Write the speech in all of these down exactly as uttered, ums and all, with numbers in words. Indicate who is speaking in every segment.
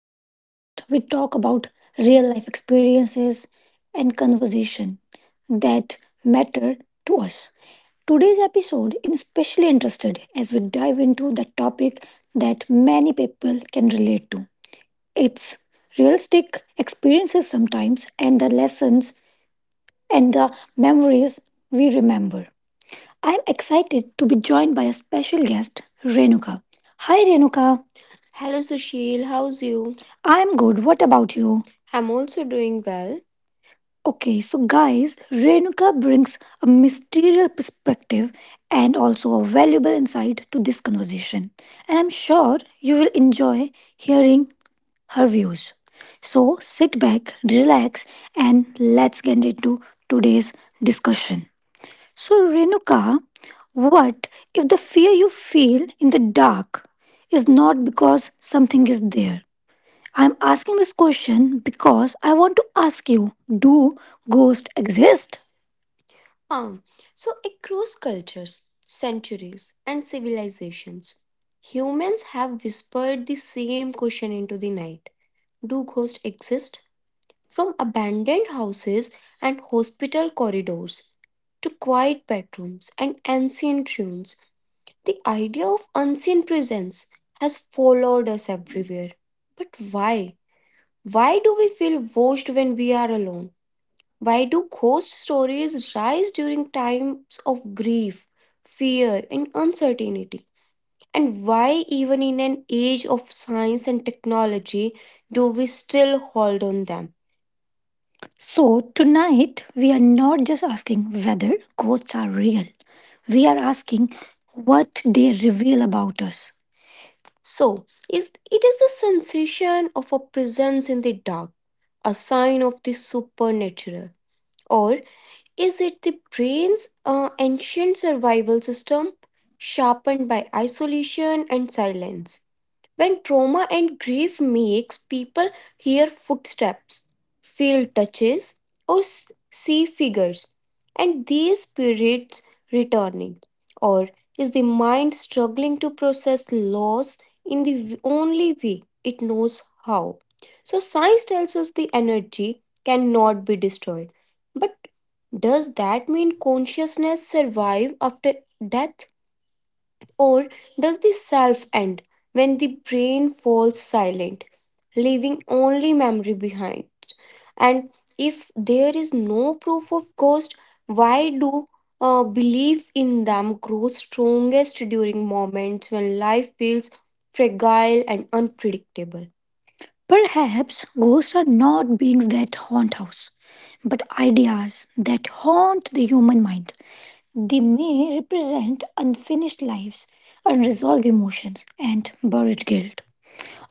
Speaker 1: this podcast, we talk about real life experiences and conversation that matter to us. Today's episode is especially interested as we dive into the topic that many people can relate to. It's realistic experiences sometimes and the lessons and the memories we remember. I'm excited to be joined by a special guest, Renuka. Hi, Renuka. Hello Sushil, how's you? I'm good. What about you? I'm also doing well. Okay, so guys, Renuka brings a mysterious perspective and also a valuable insight to this conversation. And I'm sure you will enjoy hearing her views. So sit back, relax, and let's get into today's discussion. So, Renuka, what if the fear you feel in the dark is not because something is there? I'm asking this question because I want to ask you do ghosts exist? Um, so across cultures, centuries, and civilizations, humans have whispered the same question into the night. Do ghosts exist? From abandoned houses and hospital corridors to quiet bedrooms and ancient ruins, the idea of unseen presence has followed us everywhere. But why? Why do we feel watched when we are alone? Why do ghost stories rise during times of grief, fear, and uncertainty? And why, even in an age of science and technology, do we still hold on them? So, tonight we are not just asking whether ghosts are real, we are asking what they reveal about us. So, is it is the sensation of a presence in the dark, a sign of the supernatural, or
Speaker 2: Thank
Speaker 1: is it the brain's uh, ancient survival system sharpened by isolation and silence? When trauma and grief makes people hear footsteps, feel touches, or s- see figures, and these spirits returning, or is the mind struggling to process loss in the w- only way it knows how? So science tells us the energy cannot be destroyed, but does that mean consciousness survive after death? Or does the self end when the brain falls silent, leaving only memory behind? And if there is no proof of ghosts, why do uh, belief in them grow strongest during moments when life feels fragile and unpredictable? Perhaps ghosts are not beings that haunt us, but ideas that haunt the human mind. They may represent unfinished lives, unresolved emotions, and buried guilt,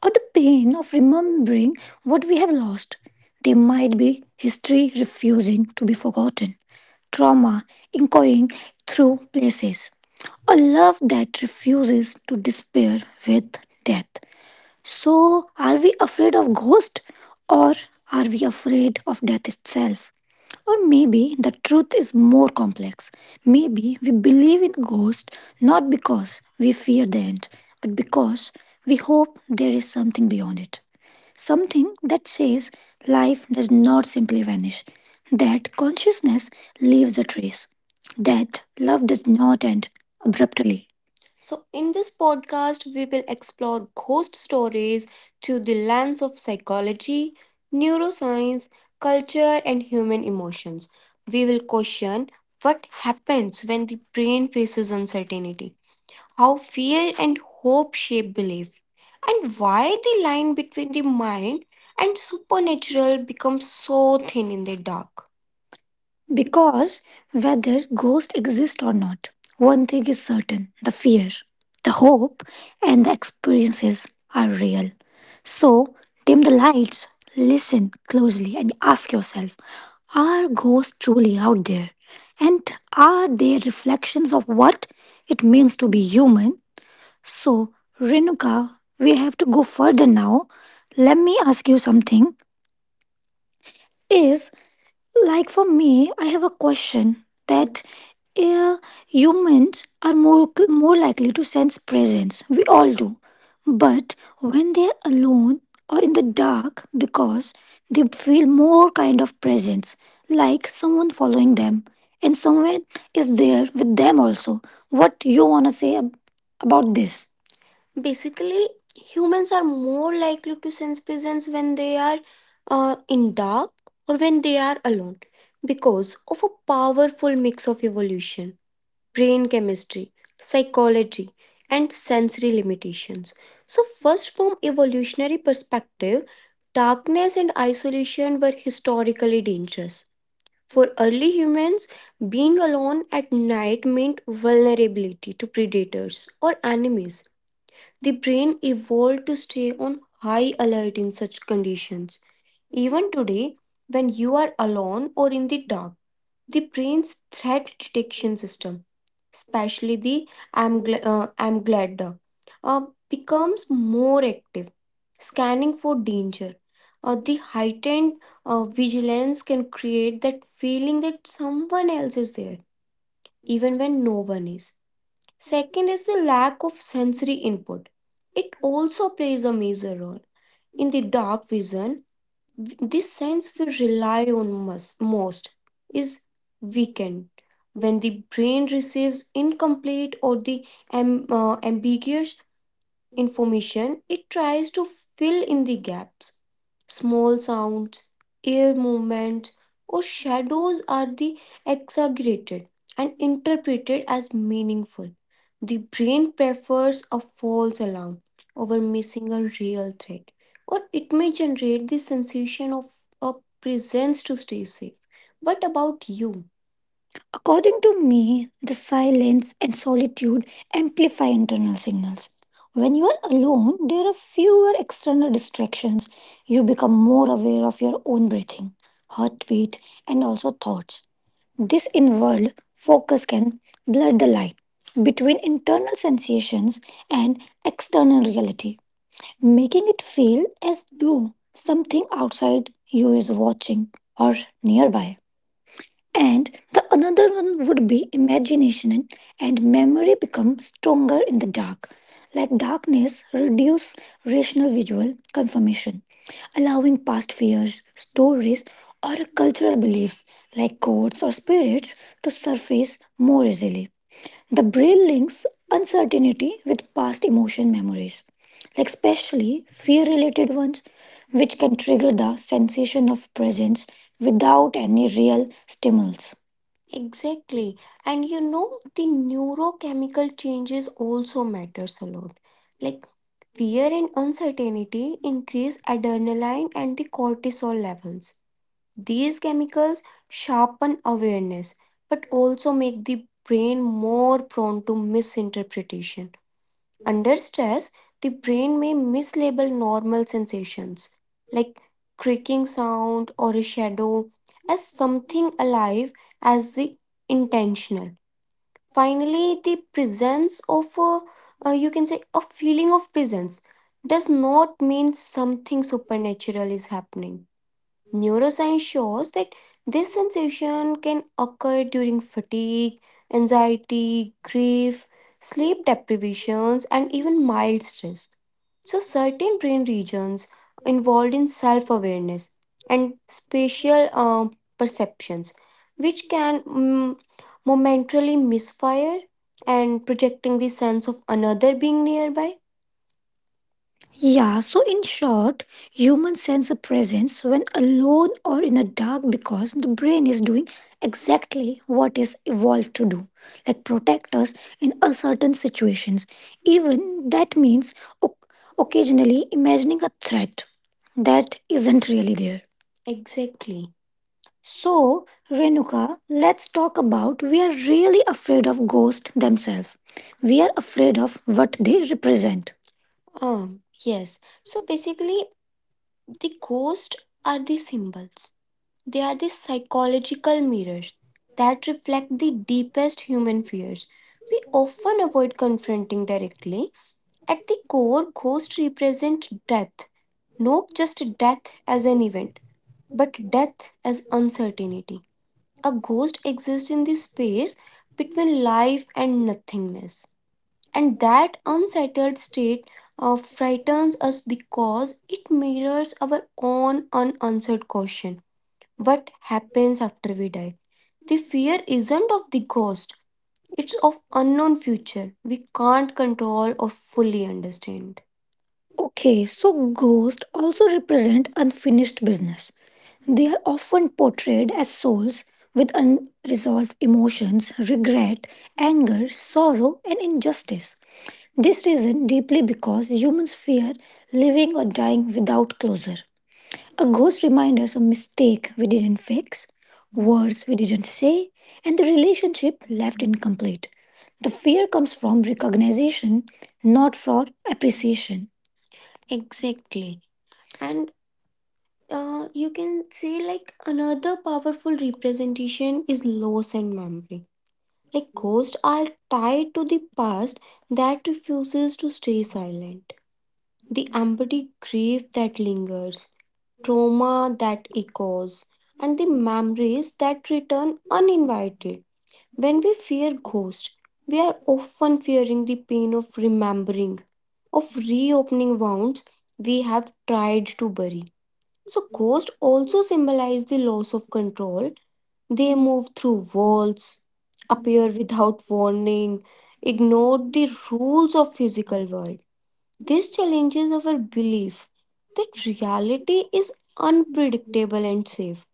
Speaker 1: or the pain of remembering what we have lost. They might be history refusing to be forgotten, trauma echoing through places, a love that refuses to despair with death. So, are we afraid of ghosts or are we afraid of death itself? Or maybe the truth is more complex. Maybe we believe in ghosts not because we fear the end, but because we hope there is something beyond it. Something that says life does not simply vanish, that consciousness leaves a trace, that love does not end abruptly. So, in this podcast, we will explore ghost stories through the lens of psychology, neuroscience, culture, and human emotions. We will question what happens when the brain faces uncertainty, how fear and hope shape belief, and why the line between the mind and supernatural becomes so thin in the dark. Because whether ghosts exist or not, one thing is certain the fear, the hope, and the experiences are real. So, dim the lights, listen closely, and ask yourself are ghosts truly out there? And are they reflections of what it means to be human? So, Renuka, we have to go further now. Let me ask you something. Is like for me, I have a question that uh, humans are more more likely to sense presence. We all do, but when they are alone or in the dark, because they feel more kind of presence, like someone following them, and someone is there with them also. What you wanna say ab- about this? Basically, humans are more likely to sense presence when they are uh, in dark or when they are alone because of a powerful mix of evolution, brain chemistry, psychology, and sensory limitations. So, first, from evolutionary perspective, darkness and isolation were historically dangerous. For early humans, being alone at night meant vulnerability to predators or enemies the brain evolved to stay on high alert in such conditions. Even today, when you are alone or in the dark, the brain's threat detection system, especially the amygla- uh, amygdala, uh, becomes more active, scanning for danger. Uh, the heightened uh, vigilance can create that feeling that someone else is there, even when no one is. Second is the lack of sensory input. It also plays a major role. In the dark vision, w- this sense we rely on mus- most is weakened. When the brain receives incomplete or the am- uh, ambiguous information, it tries to fill in the gaps. Small sounds, air movements, or shadows are the exaggerated and interpreted as meaningful. The brain prefers a false alarm over missing a real threat, or it may generate the sensation of a presence to stay safe. What about you? According to me, the silence and solitude amplify internal signals. When you are alone, there are fewer external distractions. You become more aware of your own breathing, heartbeat, and also thoughts. This inward focus can blur the line between internal sensations and external reality, making it feel as though something outside you is watching or nearby. And the another one would be imagination and memory become stronger in the dark. Like darkness reduce rational visual confirmation, allowing past fears, stories, or cultural beliefs like gods or spirits to surface more easily. The brain links uncertainty with past emotion memories, like especially fear related ones, which can trigger the sensation of presence without any real stimulus. Exactly. And you know, the neurochemical changes also matters a lot. Like fear and uncertainty increase adrenaline and the cortisol levels. These chemicals sharpen awareness but also make the brain more prone to misinterpretation. Under stress, the brain may mislabel normal sensations like creaking sound or a shadow as something alive as the intentional finally the presence of a, uh, you can say a feeling of presence does not mean something supernatural is happening. Neuroscience shows that this sensation can occur during fatigue, anxiety, grief, sleep deprivations, and even mild stress. So, certain brain regions involved in self awareness and spatial uh, perceptions, which can mm, momentarily misfire and projecting the sense of another being nearby. Yeah, so in short, humans sense a presence when alone or in the dark because the brain is doing exactly what is evolved to do, like protect us in uncertain situations. Even that means o- occasionally imagining a threat that isn't really there. Exactly. So, Renuka, let's talk about we are really afraid of ghosts themselves. We are afraid of what they represent. Um, yes. So basically, the ghosts are the symbols. They are the psychological mirrors that reflect the deepest human fears. They often avoid confronting directly. At the core, ghosts represent death, not just death as an event, but death as uncertainty. A ghost exists in the space between life and nothingness. And that unsettled state uh, frightens us because it mirrors our own unanswered question what happens after we die? The fear isn't of the ghost, it's of unknown future we can't control or fully understand. Okay, so ghosts also represent unfinished business. They are often portrayed as souls with unresolved emotions, regret, anger, sorrow, and injustice. This reason deeply because humans fear living or dying without closure. A ghost reminds us of mistake we didn't fix, words we didn't say, and the relationship left incomplete. The fear comes from recognition, not from appreciation. Exactly. And uh, you can say like another powerful representation is loss and memory. Like ghosts are tied to the past that refuses to stay silent. The empty grief that lingers, trauma that echoes, and the memories that return uninvited. When we fear ghosts, we are often fearing the pain of remembering, of reopening wounds we have tried to bury. So, ghosts also symbolize the loss of control. They move through walls, appear without warning, ignore the rules of physical world. This challenges our belief that reality is unpredictable and safe.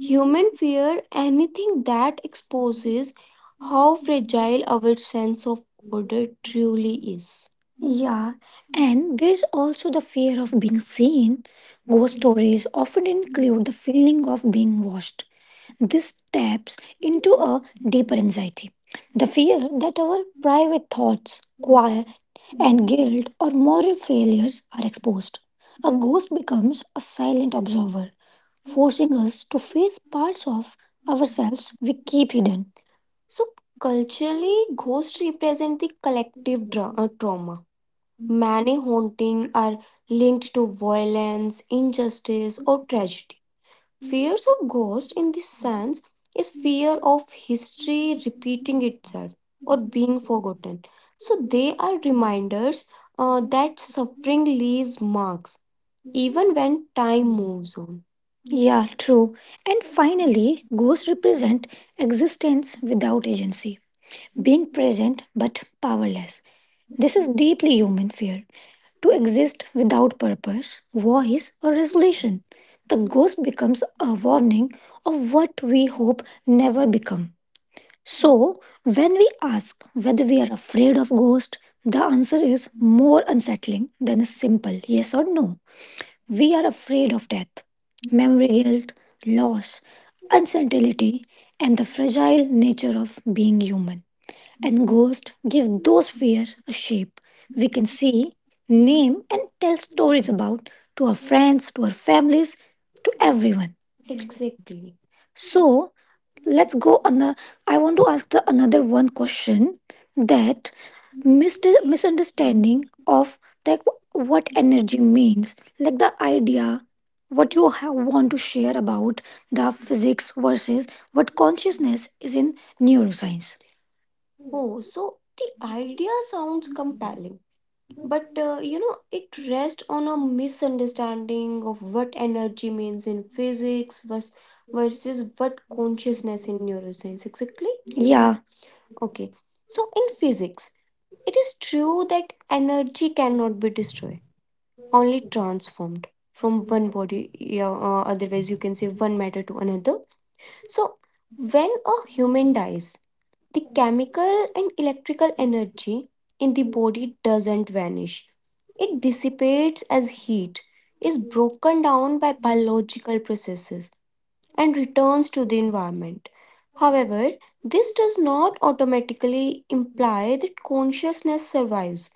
Speaker 1: Human fear anything that exposes how fragile our sense of order truly is. Yeah, and there's also the fear of being seen. Ghost stories often include the feeling of being watched. This taps into a deeper anxiety the fear that our private thoughts, quiet, and guilt or moral failures are exposed. A ghost becomes a silent observer forcing us to face parts of ourselves we keep hidden. So, culturally, ghosts represent the collective trauma. Many hauntings are linked to violence, injustice, or tragedy. Fears of ghosts, in this sense, is fear of history repeating itself or being forgotten. So, they are reminders uh, that suffering leaves marks even when time moves on. Yeah, true. And finally, ghosts represent existence without agency, being present but powerless. This is deeply human fear to exist without purpose, voice, or resolution. The ghost becomes a warning of what we hope never become. So, when we ask whether we are afraid of ghosts, the answer is more unsettling than a simple yes or no. We are afraid of death, memory guilt, loss, uncertainty, and the fragile nature of being human. And ghosts give those fears a shape we can see, name, and tell stories about to our friends, to our families, to everyone. Exactly. So let's go on the I want to ask the another one question that mist- misunderstanding of like what energy means, like the idea what you have want to share about the physics versus what consciousness is in neuroscience. Oh, so the idea sounds good, but uh, you know it rests on a misunderstanding of what energy means in physics vers- versus what consciousness means, exactly. Yeah, okay. So in physics, it is true that energy cannot be only transformed from one body, yeah, uh, otherwise you can say one matter to another. So, when a human dies, the chemical and electrical energy in the body doesn't vanish. It dissipates as heat, is broken down by biological processes, and returns to the environment. However, this does not automatically
Speaker 2: you.
Speaker 1: imply that consciousness survives.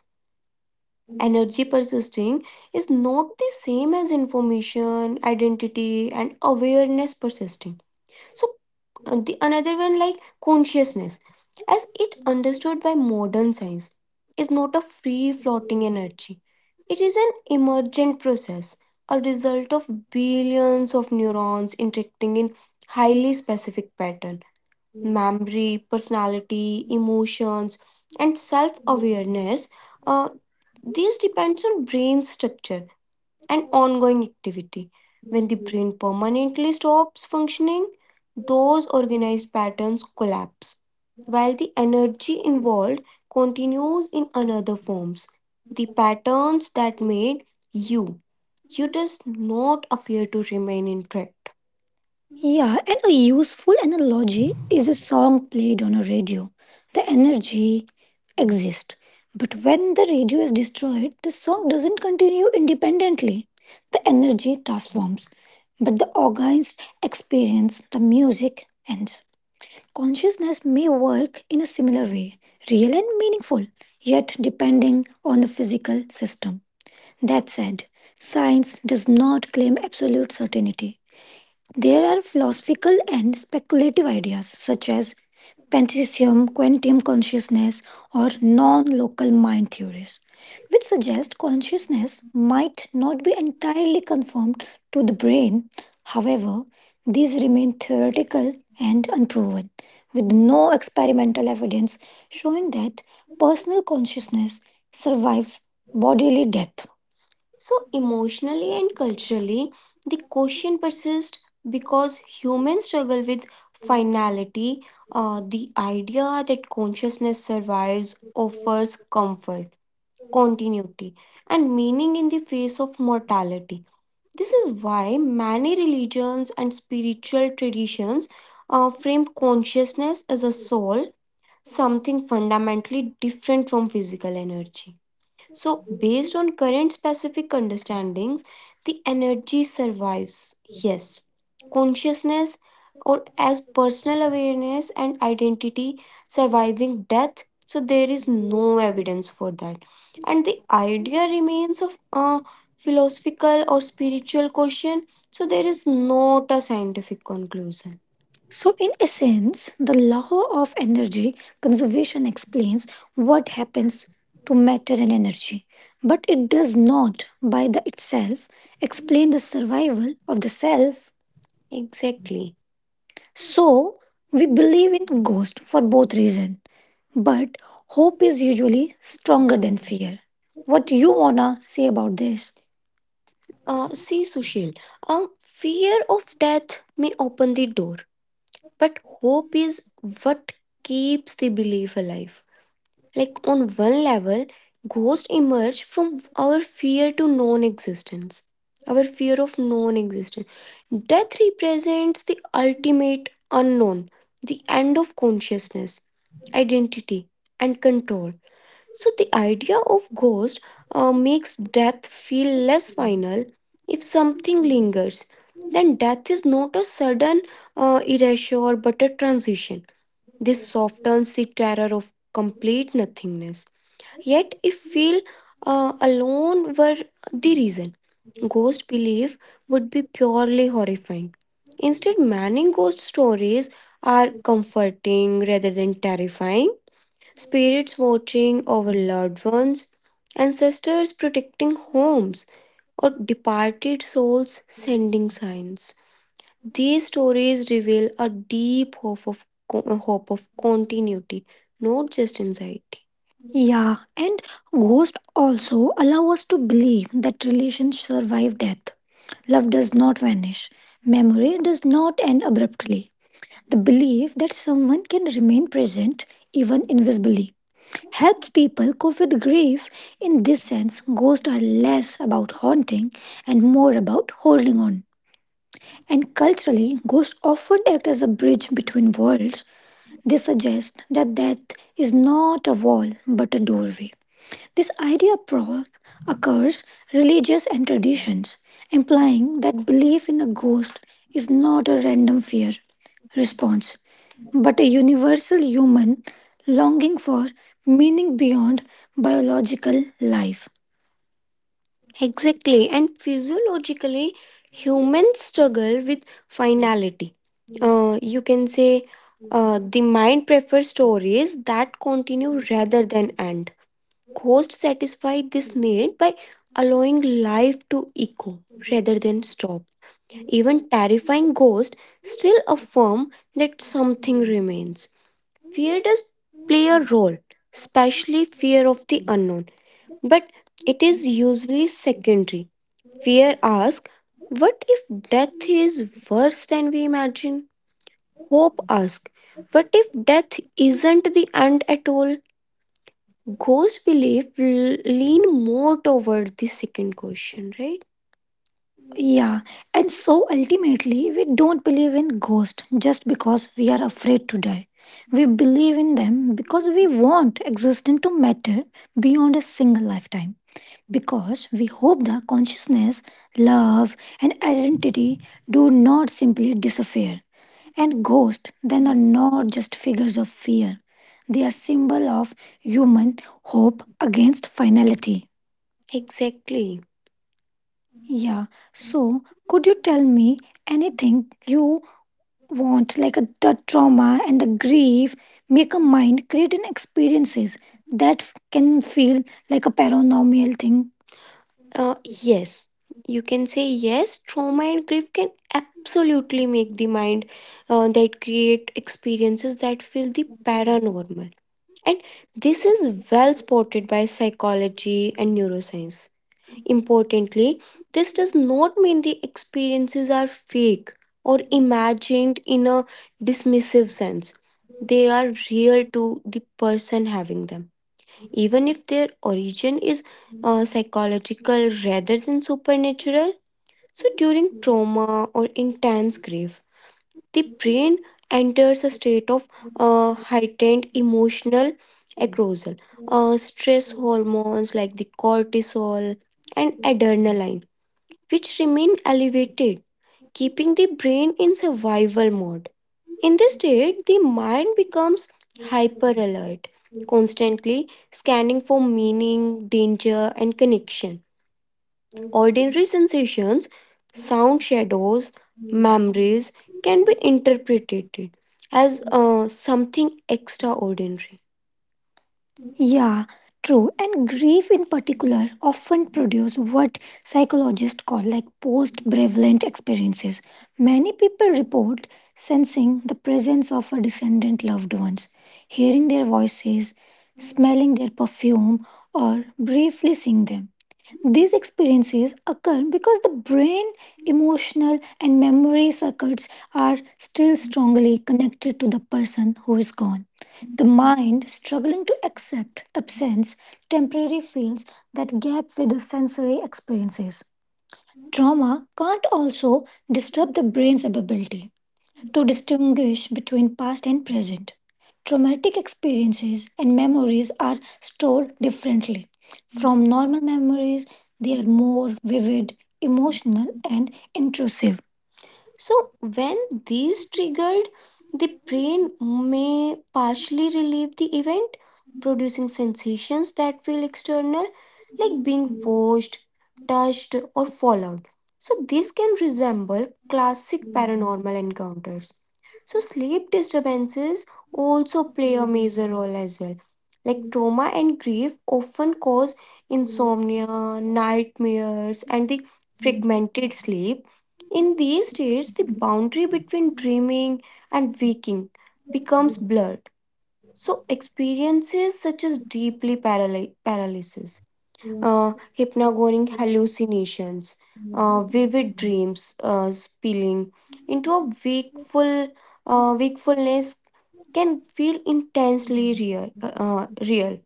Speaker 2: Thank you.
Speaker 1: Energy persisting is not the same as information, identity, and awareness persisting. So, uh, the another one, like consciousness, as it understood by modern science, is not a free floating energy. It is an emergent process, a result of billions of neurons interacting in highly specific pattern. Memory, personality, emotions, and self-awareness. Uh, these depends on brain structure and ongoing activity. When the brain permanently stops functioning, those organized patterns collapse, while the energy involved continues in another forms. The patterns that made you, you does not appear to remain intact. Yeah, and a useful analogy is a song played on a radio. The energy exists. But when the radio is destroyed, the song doesn't continue independently. The energy transforms, but the organs experience the music ends. Consciousness may work in a similar way, real and meaningful, yet depending on the physical system. That said, science does not claim absolute certainty. There are philosophical and speculative ideas such as pantheism, quantum consciousness, or non local mind theories, which suggest consciousness might not be entirely conformed to the brain. However, these remain theoretical and unproven, with no experimental evidence showing that personal consciousness survives bodily death. So, emotionally and culturally, the question persists because humans struggle with finality. Uh, the idea that consciousness survives offers comfort, continuity, and meaning in the face of mortality. This is why many religions and spiritual traditions uh, frame consciousness as a soul, something fundamentally different from physical energy. So, based on current specific understandings, the energy survives. Yes, consciousness or as personal awareness and identity surviving death. So, there is no evidence for that. And the idea remains of a philosophical or spiritual question. So, there is not a scientific conclusion. So, in essence, the law of energy conservation explains what happens to matter and energy, but it does not, by the itself, explain the survival of the self. Exactly. So, we believe in ghost for both reasons, but hope is usually stronger than fear. What you wanna say about this? Uh, see, Sushil, um, fear of death may open the door, but hope is what keeps the belief alive. Like on one level, ghosts emerge from our fear to non existence. Our fear of non existence. Death represents the ultimate unknown, the end of consciousness, identity, and control. So the idea of ghost uh, makes death feel less final. If something lingers, then death is not a sudden uh, erasure but a transition. This softens the terror of complete nothingness. Yet, if feel uh, alone were the reason, ghost belief would be purely horrifying. Instead, many ghost stories are comforting rather than terrifying spirits watching over loved ones, ancestors protecting homes, or departed souls sending signs. These stories reveal a deep hope of, co- hope of continuity, not just anxiety. Yeah, and ghosts also allow us to believe that relations survive death. Love does not vanish, memory does not end abruptly. The belief that someone can remain present, even invisibly, helped people cope with grief. In this sense, ghosts are less about haunting and more about holding on. And culturally, ghosts often act as a bridge between worlds. They suggest that death is not a wall but a doorway. This idea pro- occurs religious and traditions, implying that belief in a ghost is not a random fear response, but a universal human longing for meaning beyond biological life. Exactly, and physiologically, humans struggle with finality. Uh, you can say uh, the mind prefers stories that continue rather than end. Ghosts satisfy this need by allowing life to echo rather than stop. Even terrifying ghosts still affirm that something remains. Fear does play a role, especially fear of the unknown, but it is usually secondary. Fear asks, what if death
Speaker 2: Thank
Speaker 1: is worse than we imagine? Hope asks, what if death isn't the end at all? Ghost belief l- lean more toward the second question, right? Yeah, and so ultimately, we don't believe in ghosts just because we are afraid to die. We believe in them because we want existence to matter beyond a single lifetime. Because we hope the consciousness, love, and identity do not simply disappear. And ghosts then are not just figures of fear. They are symbol of human hope against finality. Exactly. Yeah. So, could you tell me anything you want, like a, the trauma and the grief, make a mind create an experiences that f- can feel like a paranormal thing? Uh, yes, you can say yes. Trauma and grief can absolutely make the mind uh, that create experiences that feel the paranormal. And this is well spotted by psychology and neuroscience. Importantly, this does not mean the experiences are fake or imagined in a dismissive sense. They are real to the person having them, even if their origin is uh, psychological rather than supernatural. So, during trauma or intense grief, the brain enters a state of uh, heightened emotional arousal. Uh, stress hormones like the cortisol and adrenaline, which remain elevated, keeping the brain in survival mode. In this state, the mind becomes hyper alert, constantly scanning for
Speaker 2: you.
Speaker 1: meaning, danger, and connection.
Speaker 2: Thank
Speaker 1: Ordinary
Speaker 2: you.
Speaker 1: sensations, sound shadows, memories can be interpreted as uh, something extraordinary. Yeah, true. And grief in particular often produce what psychologists call like post-prevalent experiences. Many people report sensing the presence of a descendant loved ones, hearing their voices, smelling their perfume, or briefly seeing them. These experiences occur because the brain, emotional, and memory circuits are still strongly connected to the person who is gone. The mind, struggling to accept absence, temporarily fills that gap with the sensory experiences. Trauma can't also disturb the brain's ability to distinguish between past and present. Traumatic experiences and memories are stored differently. From normal memories, they are more vivid, emotional, and intrusive. So, when these triggered, the brain may partially relive the event, producing sensations that feel external, like being bored touched, or followed. So, this can resemble classic paranormal encounters. So, sleep disturbances also play a major role as well. Like trauma and grief often cause insomnia, nightmares, and the fragmented sleep. In these states, the boundary between dreaming and waking becomes blurred. So experiences such as deeply paraly- paralysis, hypnagogic hallucinations, uh, vivid dreams uh, spilling into a wakeful uh, wakefulness can feel intensely real, uh, uh, real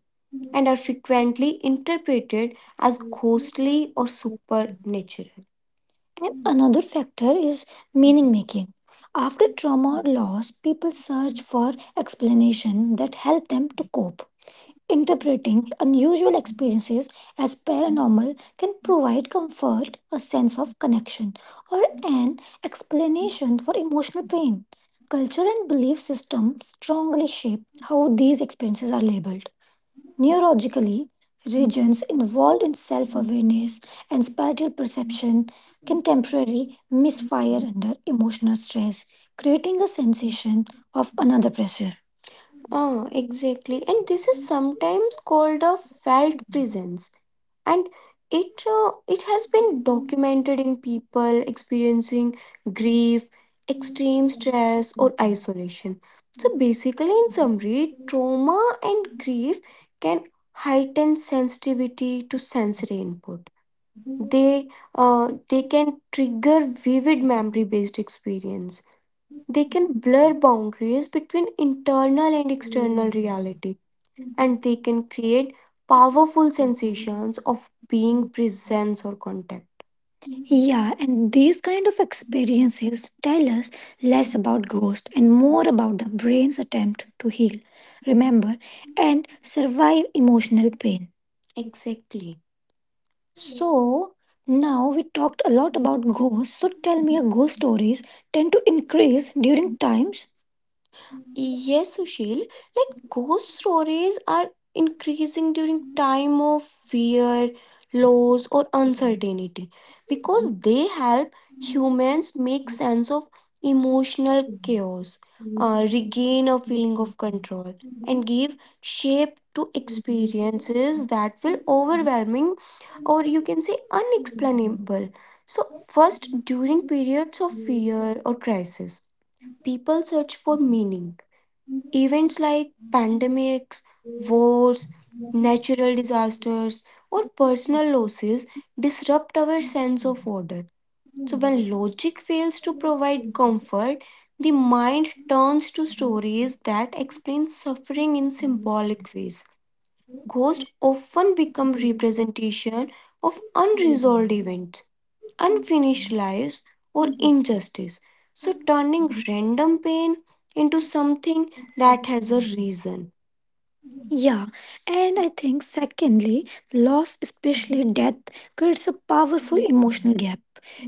Speaker 1: and are frequently interpreted as ghostly or supernatural. And another factor is meaning making. After trauma or loss, people search for explanation that help them to cope. Interpreting unusual experiences as paranormal can provide comfort, a sense of connection, or an explanation for emotional pain. Culture and belief systems strongly shape how these experiences are labeled. Neurologically, regions involved in self awareness and spatial perception can temporarily misfire emotional stress, creating a sensation of another pressure. Ah, exactly. And this is sometimes called a felt presence and it uh, it has been documented in people experiencing grief, extreme stress or isolation. So basically in summary, trauma and grief can heighten sensitivity to sensory input. They uh, they can trigger vivid memory based experience. They can blur boundaries between internal and external reality, and they can create powerful sensations of being, presence, or contact. Yeah, and these kind of experiences tell us less about ghosts and more about the brain's attempt to heal, remember, and survive emotional pain. Exactly. So now we talked a lot about ghosts. So tell me, your ghost stories tend to increase during times? Yes, Sushil, like ghost stories are increasing during time of fear, loss or uncertainty because they help humans make sense of emotional chaos, uh, regain a feeling of, and give shape to
Speaker 2: Thank
Speaker 1: experiences that will overwhelming, or you can say unexplainable. So first, during periods of fear or crisis, people search for meaning. Events like pandemics, wars, natural disasters, or personal losses disrupt our sense. So when logic fails to provide comfort, the mind turns to stories that explain suffering in symbol. Ghosts often become representation of unresolved events, unfinished lives, or so turning random pain into something that has a reason. Yeah, and I think secondly, loss, especially death, creates a powerful emotion.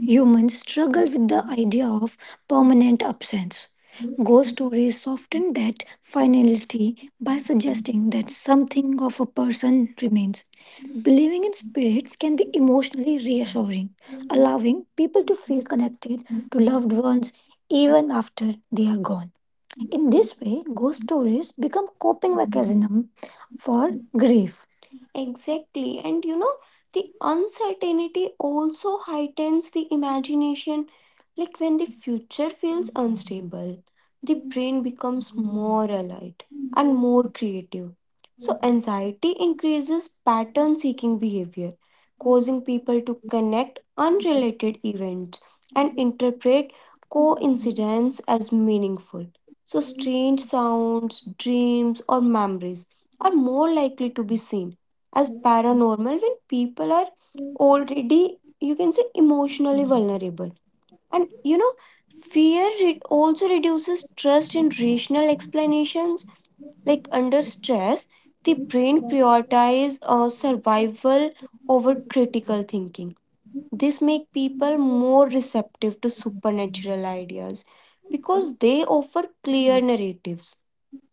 Speaker 1: Humans struggle with the idea of permanent absence. Ghosts soften that finality by suggesting something of a person remains. Believing in spirits can be emotionally reassuring, allowing people to feel connected to loved ones even after they are gone. In this way, ghost stories become coping mechanisms for grief. Exactly. And you know, the uncertainty also heightens the imagination. Like, when the future feels un- the brain becomes more bright and more creative. So anxiety increases pattern seeking behavior, causing people to connect unrelated events and interpret coincidences as meaningful. So strange sounds, dreams, or memories are more likely to be as paranormal when people are already, you can say, emotionally vulnerable. And you know, fear, it also reduces trust in rational explanations. Like, under stress, the brain prioritize uh, survival over critical thinking. This makes people more receptive to supernatural ideas because they offer clear narratives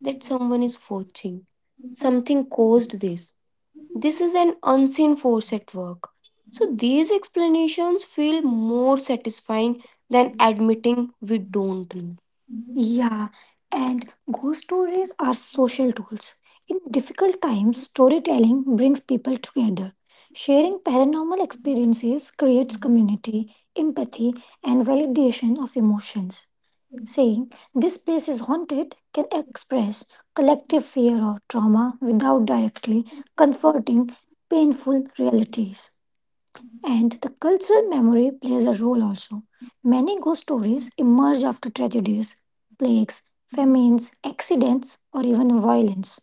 Speaker 1: that someone is watching. Something caused this, this is an unseen force at work. So these explanations feel more satisfying than admitting we don't know. Yeah, and ghost stories are social tools. In difficult times, storytelling brings people together. Sharing paranormal experiences creates community, empathy, and validation of emotions. Saying this place is haunted can express collective fear or trauma without directly confronting painful realities. And the cultural memory plays a role also. Many ghost stories emerge after tragedies, plagues, famines, accidents, or even violence.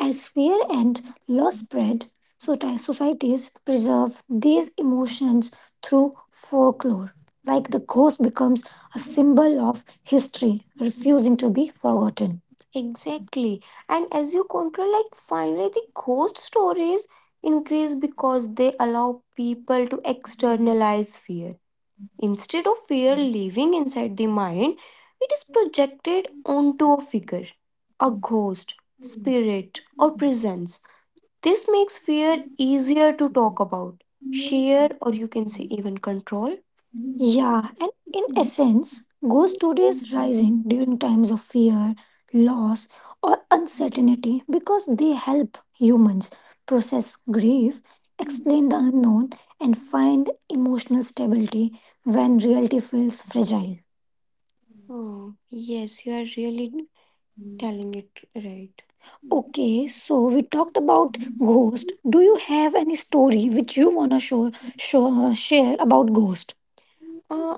Speaker 1: As fear and loss spread, so ti- societies preserve these emotions through folklore, like the ghost becomes a symbol of history, refusing to be forgotten. Exactly. And as you control, like finally the ghost stories increase because they allow people to externalize fear. Instead of fear living inside the mind, it is projected onto a figure, a ghost,
Speaker 2: you.
Speaker 1: spirit, or presence. This makes fear easier to talk about,
Speaker 2: Because I am not
Speaker 1: share, or
Speaker 2: the
Speaker 1: you
Speaker 2: one
Speaker 1: can say even control.
Speaker 2: who
Speaker 1: Yeah, and in essence, ghost story is rising during times of fear, loss, or uncertainty because they help humans process grief, explain the unknown, and find emotional stability when reality feels fragile. Oh, yes, you are really telling it right. Okay, so we talked about ghost. Do you have any story which you wanna show, show share about ghost?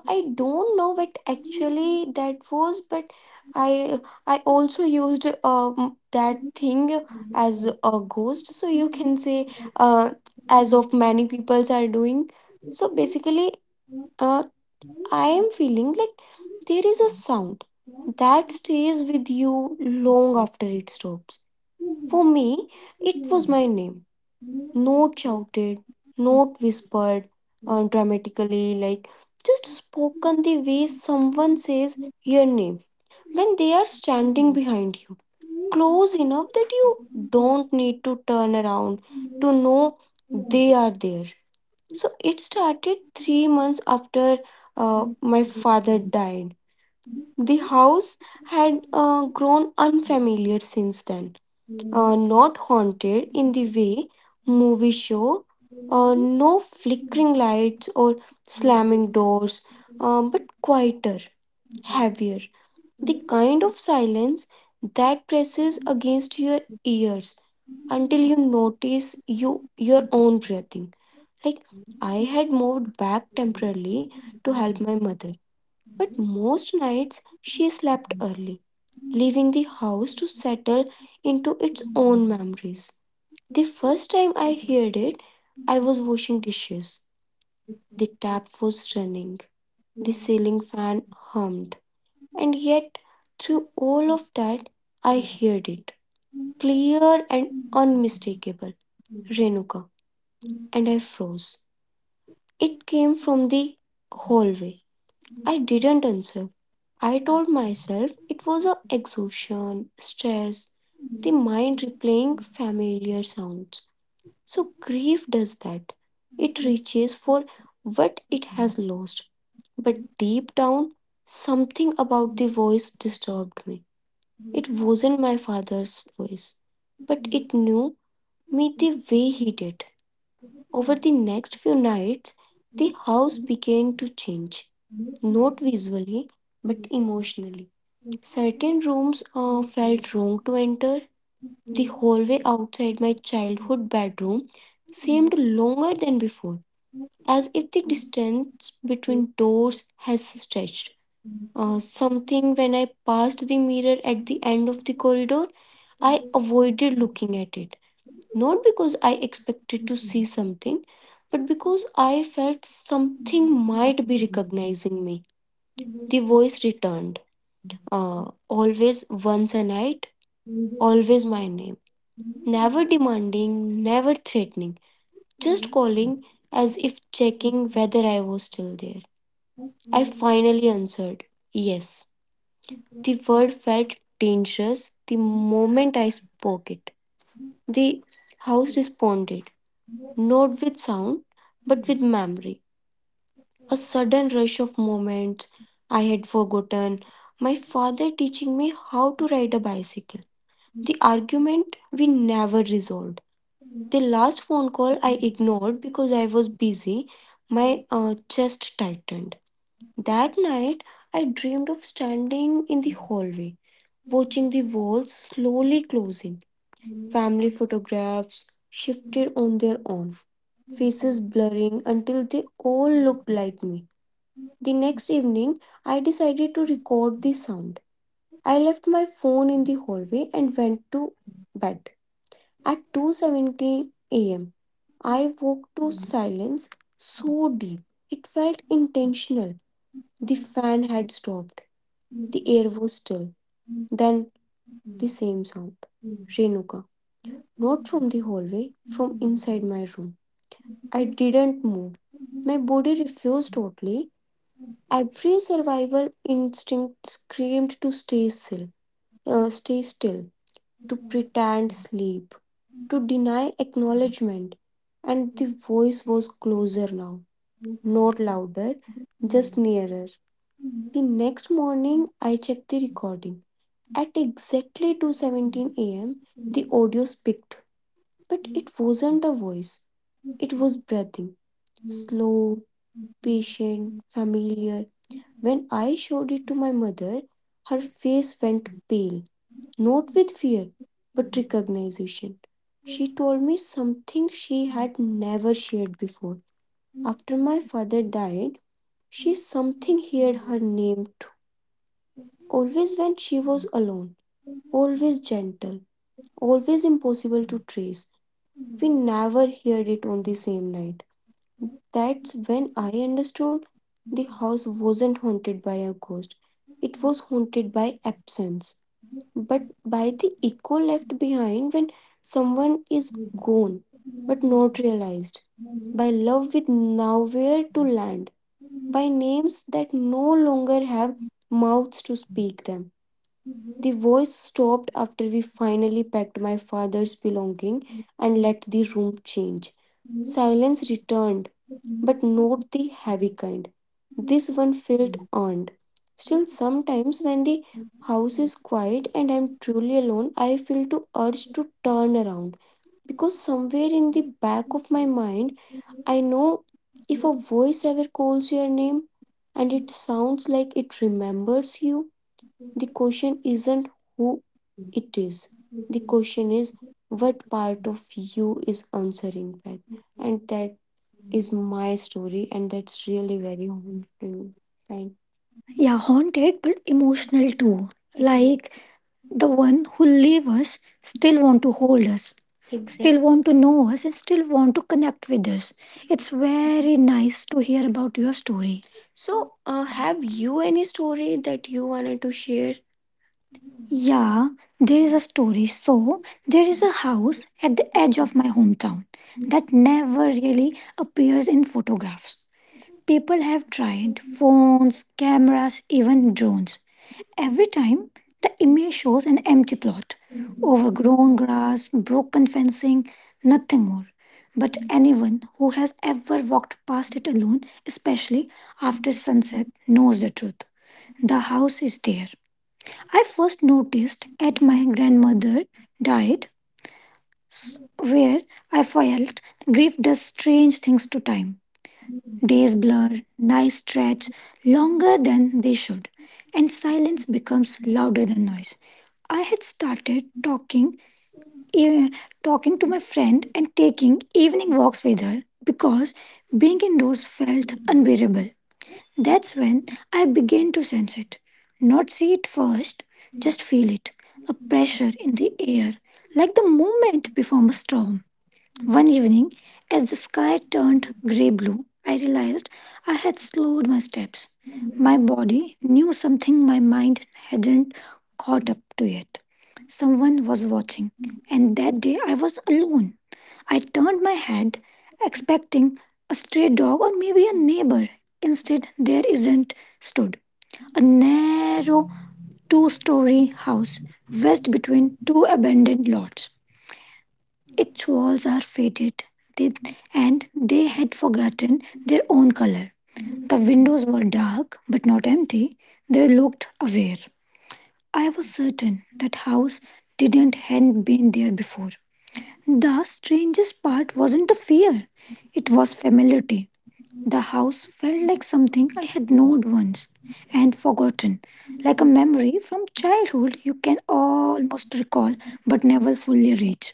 Speaker 1: I don't know what actually it was, but I I also used um that thing as a ghost, so you can uh as of many peoples are doing. So basically, I am feeling like there is a sound that stays with you long after it drops. It won't shout,
Speaker 2: is
Speaker 1: not whispered uh, dramatically, like just spoken the way someone says your name when they are standing behind you, close enough that you don't need to turn around to know they are there. So it started three months after uh, my father died. The house had uh, grown unfamiliar since then, uh, not haunted in the way movies show. Uh, no flickering lights or slamming doors, uh, but quieter, heavier. The kind of silence that presses against your ears until you
Speaker 2: in love
Speaker 1: notice you your own breathing. Like, I
Speaker 2: with you.
Speaker 1: had moved back temporarily to
Speaker 2: Thank
Speaker 1: help my
Speaker 2: you.
Speaker 1: mother, but most nights she slept early, leaving the house to settle into its own mess. The first time I heard it, I was washing dishes. The tap was running, the ceiling fan hummed, and yet through all of that, I heard it, clear and unrenewed. Froze. It came from the hallway. I didn't answer. I told myself it was a exhaustion, stress, the mind replaying familiar sounds. So grief does that. It reaches for what it has lost. But deep down, something about the voice disturbed me. It wasn't my father's voice, but it knew me the way he did. Over the next few nights, the house began to change, not visually, but emotionally. Certain rooms uh, felt wrong to enter. The way outside my childhood bedroom seemed longer than before, as if the distance between doors has stretched. Something when I passed the mirror at the end of the corridor, I avoided looking at it. Not because I expected to see something, but because I felt something might be. The voice returned. Uh, always once a night, always my name. Never demanding, never threatening, just calling as if checking whether I was still there. I finally answered, "Yes." The word felt dangerous the moment I spoke it. The house responded, not with sound, but with memory. A sudden rush of moments I had forgotten. My father teaching me how to ride a bicycle. The argument we never resolved. The last phone call I ignored because I was busy. My uh, chest tightened. That night, I dreamed of standing in the hallway watching the walls slowly closing, family photographs shifted on their own, faces blurring until they all looked like me. The next evening, I decided to record the sound. I left my phone in the hallway and went to bed. At two seventeen a m, I woke to silence so deep. It felt intentional. The fan had stopped. The air was still. Then the alarm sound. Rivka. Not from the hallway, from in room. I didn't move. My body refused totally. Every survival instinct screamed to stay still, uh, stay still, to pretend sleep, to deny acknowledgement. And the voice was closer now, not louder, just nearer. The next morning, I checked the recording. At exactly two seventeen a m, the owl speaked, but it wasn't a voice. It was breathing. Slow, patient, familiar. When I showed it to my mother, her face went pale, not with fear, but recognition. She told me something she had never shared before. After my father died, she something heard her name too. Always when she was alone, always gentle, always impossible to trace. We never heard it on the same night. That's when I understood the house wasn't haunted by a ghost, it was haunted by absence, by the echo left behind when someone is gone but not realized, by love with nowhere to land, by names that no longer have mouths to speak them. The voice stopped after we finally packed my father's belonging and let the room change. Silence returned, but not the heavy kind. This one felt earned. Still, sometimes when the house is quiet and I'm truly alone, I feel the urge to turn around because somewhere in the back of my mind, I know if a voice ever calls your name and it sounds like it remembers you, the question isn't who it is. The question is what part of you is answering back, and that is my story, and that's really very haunting. Right? Yeah, haunted but emotional too. Like the one who leave us still want to hold us, exactly, still exactly want to know us, and still want to connect with us. It's very nice to hear about your story. So, uh, have you any story that you wanted to share? Yeah, there is a story. So, there is a house at the edge of my hometown that never really appears in photographs. People have tried phones, cameras, even drones. Every time, the image shows an empty plot, overgrown grass, broken fencing, nothing more. But anyone who has ever walked past it alone, especially after sunset, knows the truth. The house is there. I first noticed at my grandmother died where I felt grief does strange things to time. Days blur, nights stretch longer than they should, and silence becomes louder than noise. I had started talking, eh, talking to my friend and taking evening walks with her because being indoors felt unbearable. That's when I began to sense it, not see it first, just feel it, a pressure in the air, like the moment before a storm. One evening, as the sky turned grey blue, I realized I had slowed my steps. My body knew something my mind hadn't caught up with. Someone was watching, and that day I was alone. I turned my head, expecting a stray dog or maybe a neighbor. Instead, there isn't stood a narrow two story house wedged between two abandoned lots. Its walls are faded, they, and they had forgotten their own color. The windows were dark but not empty. They looked aware. I was certain that house didn't hadn't been there before. The strangest part wasn't the fear. It was familiarity. The house felt like something I had known once and forgotten, like a memory from childhood you can almost recall but never fully reach.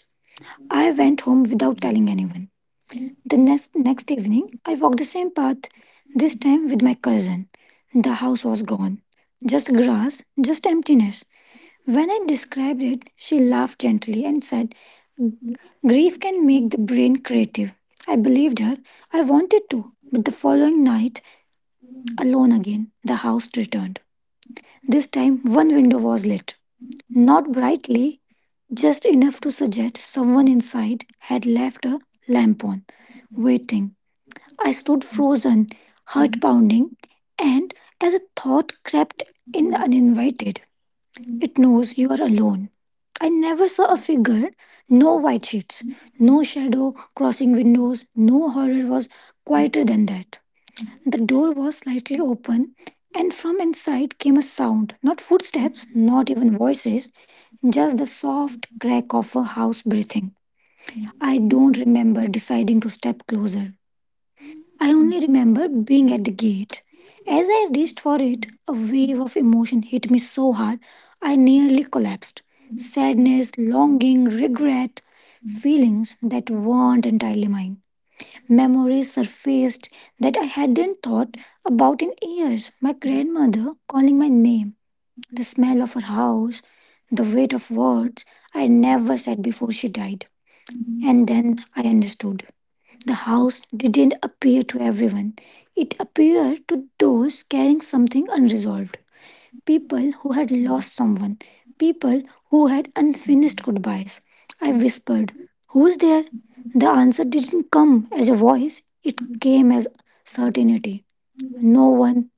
Speaker 1: I went home without telling anyone. The next evening, I walked the same path, this time with my cousin. The house was gone. Just grass, just emptiness. When I described it, she laughed gently and said, "Grief can make the brain creative." I believed her. I wanted to. But the following night, alone again, the house returned. This time, one window was lit. Not brightly, just enough to suggest someone inside had left a lamp on, waiting. I stood frozen, heart pounding. And as a thought crept in uninvited, it knows you are alone. I never saw a figure, no white sheets, no shadow crossing windows, no horror was quieter than that. The door was slightly open, and from inside came a sound, not footsteps, not even voices, just the soft crack of a house breathing. I don't remember deciding to step closer. I only remember being at the gate. As I reached for it, a wave of emotion hit me so hard I nearly collapsed. Sadness, longing, regret, feelings that weren't entirely mine. Memories surfaced that I hadn't thought about in years. My grandmother calling my name, the smell of her house, the weight of words I never said before she died. And then I understood. The house didn't appear to everyone, it appeared to those carrying something unresolved. People who had lost something, people who had unfinished goodbyes. I whispered, "Who's there?" The answer didn't come as a voice, it came as certainty. No one.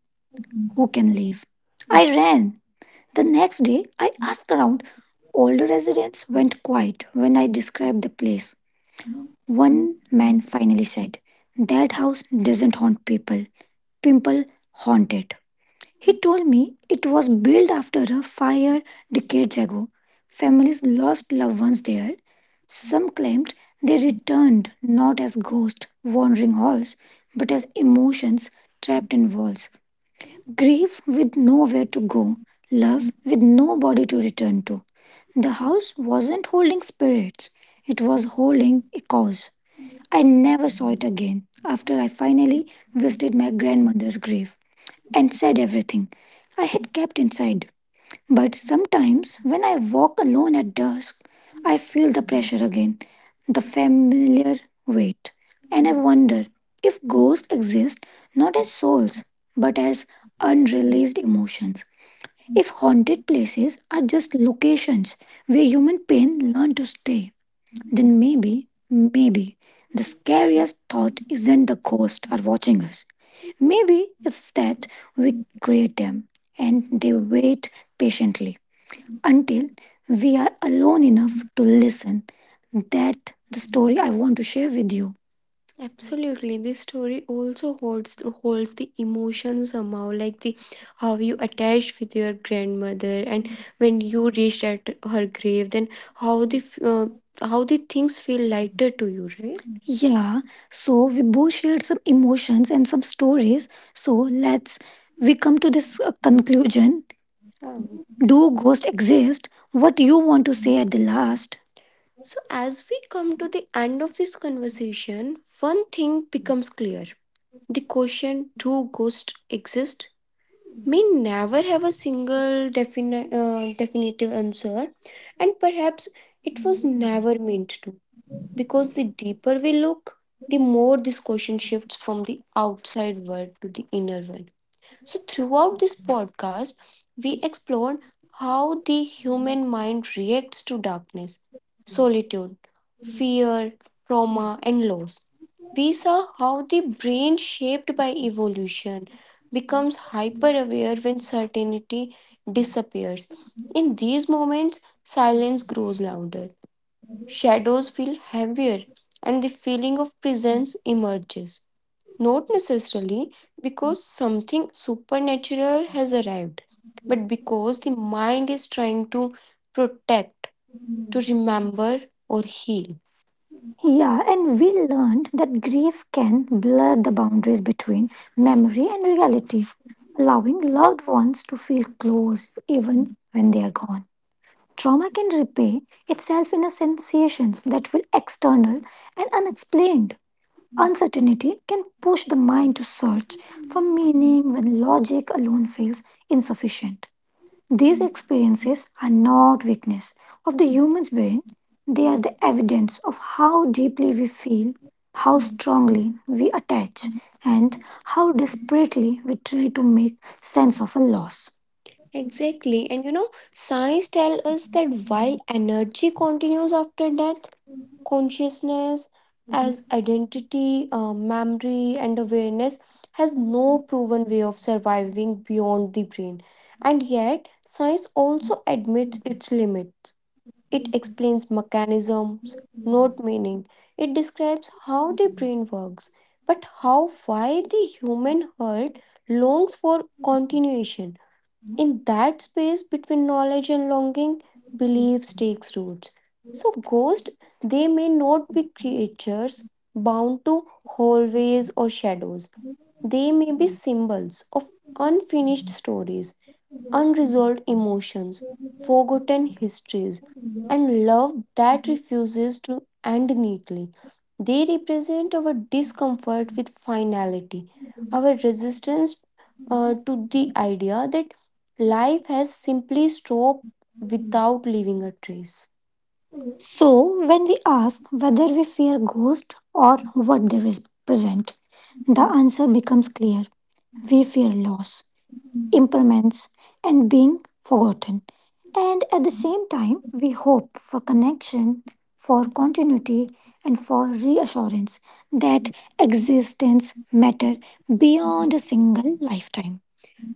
Speaker 1: I ran. The next day, I asked around. Older residents went quiet when I described the place. One and finally said, "That house doesn't haunt people, people haunt it." He told me it was built after a fire decades ago. Families lost loved ones there. Some claimed they returned not as ghosts wandering halls, but as emotions trapped in walls. Grief with nowhere to go, love with nobody to return to. The house wasn't holding spirits, it was holding echoes. I never saw it after I finally visited my grandmother's grave and said everything I had kept inside. But sometimes when I walk alone at dusk, I feel the pressure again, the familiar weight, and I wonder if ghosts exist not as souls but as unreleased emotions. If haunted places are just locations where human pain learned to stay, then maybe. Maybe the scariest thought isn't the ghosts are watching us. Maybe it's that we create them and they wait patiently until we are alone enough to listen. That the story I want to share with you. Absolutely, this story also holds holds the emotion somehow, like, the how you attached with your grandmother, and when you reached at her grave, then how the f- uh, how the things feel lighter to you, right? Yeah, so we both shared some emotions and some stories. So let's we come to this uh, conclusion. Oh. Do ghosts exist? What you want to say at the last? So, as we come to the end of this conversation, one thing becomes clear. The question do ghosts exist may never have a single definite, uh, definitive answer, and perhaps it was never meant to. Because the deeper we look, the more this question shifts from the outside world to the inner one. So, throughout this podcast, we explored how the human mind reacts to darkness, solitude, fear, trauma, and loss. We saw how the brain, shaped by evolution, becomes hyper aware when certainty disappears. In these moments, silence grows louder, shadows feel heavier, and the feeling of presence emerges. Not necessarily because something supernatural has arrived, but because the mind is trying to protect, to remember, or heal. Yeah, and we learned that grief can blur the boundaries between memory and reality, allowing loved ones to feel close even when they are gone. Trauma can repay itself in a sensations that feel external and unexplained. Uncertainty can push the mind to search for meaning when logic alone feels insufficient. These experiences are not weakness of the human's. They are the evidence of how deeply we feel, how strongly we attach, and how desperately we try to make sense of a loss. Exactly. And you know, science tells us that while energy continues after death, consciousness, as creativity, uh, memory, and awareness has no proven way of surviving beyond the brain. And yet, science also admits its limits. It explains mechanisms, not meaning. It describes how the brain works, but how why the human heart longs for continuation in that space between knowledge and longing, beliefs takes roots. So ghosts, they may not be creatures bound to hallways or shadows. They may be symbols of unfinished stories, unresolved emotions, forgotten histories, and love that refuses to end neatly. They represent our discomfort with finality, our resistance uh, to the idea that life has simply stopped without leaving a trace. So, when we ask whether we fear ghosts or what they represent, the answer becomes clear. We fear loss, impermanence, and being forgotten. And at the same time, we hope for connection, for continuity, and for reassurance that existence matters beyond a single lifetime.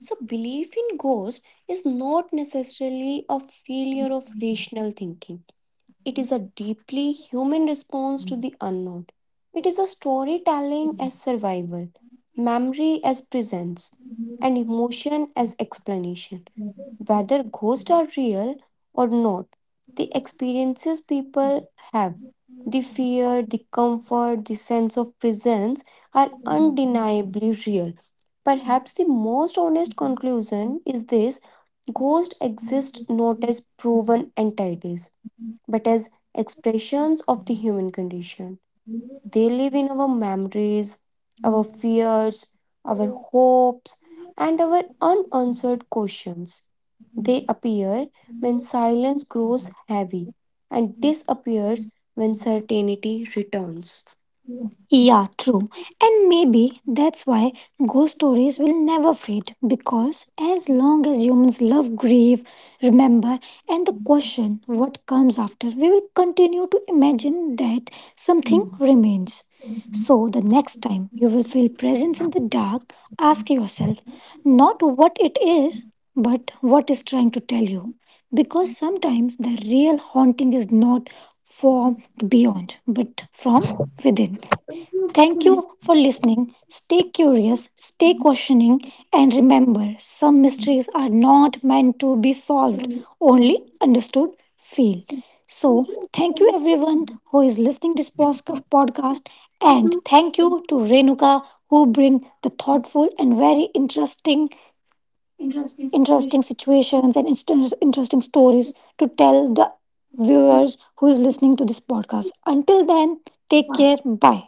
Speaker 1: So, belief in ghosts is not necessarily a failure of rational thinking. It is a deeply human response to the unknown. It is a storytelling as survival, memory as presence, and emotion as explanation. Whether ghosts are real or not, the experiences people have, the fear, the comfort, the sense of presence are undeniably real. Perhaps the most honest conclusion is this: ghosts exist, proven entities, expressions of the human condition. They live in our memories, our fears, our hopes, and our unanswered questions. They appear when silence grows heavy and disappears when certainty returns. Yeah, and maybe that's why ghost stories will never fade, because as long as humans love, grieve, remember, and the question what comes after, we will continue to imagine that something remains. So, next time you will feel presence in the dark, ask yourself not what it is, but what is trying to tell you. Because sometimes the real haunting is not from the beyond, but from listening. Stay curious. Stay questioning and remember, some mysteries are not meant to be solved, understood, feel. So who is listening to this podcast, and thank
Speaker 2: Into
Speaker 1: you to Renuka who bring the thoughtful and very interesting
Speaker 2: interesting situation
Speaker 1: questions and inst- interesting stories to tell the viewers who
Speaker 2: with
Speaker 1: is listening to this podcast. Until then, take care.
Speaker 2: why.
Speaker 1: Bye.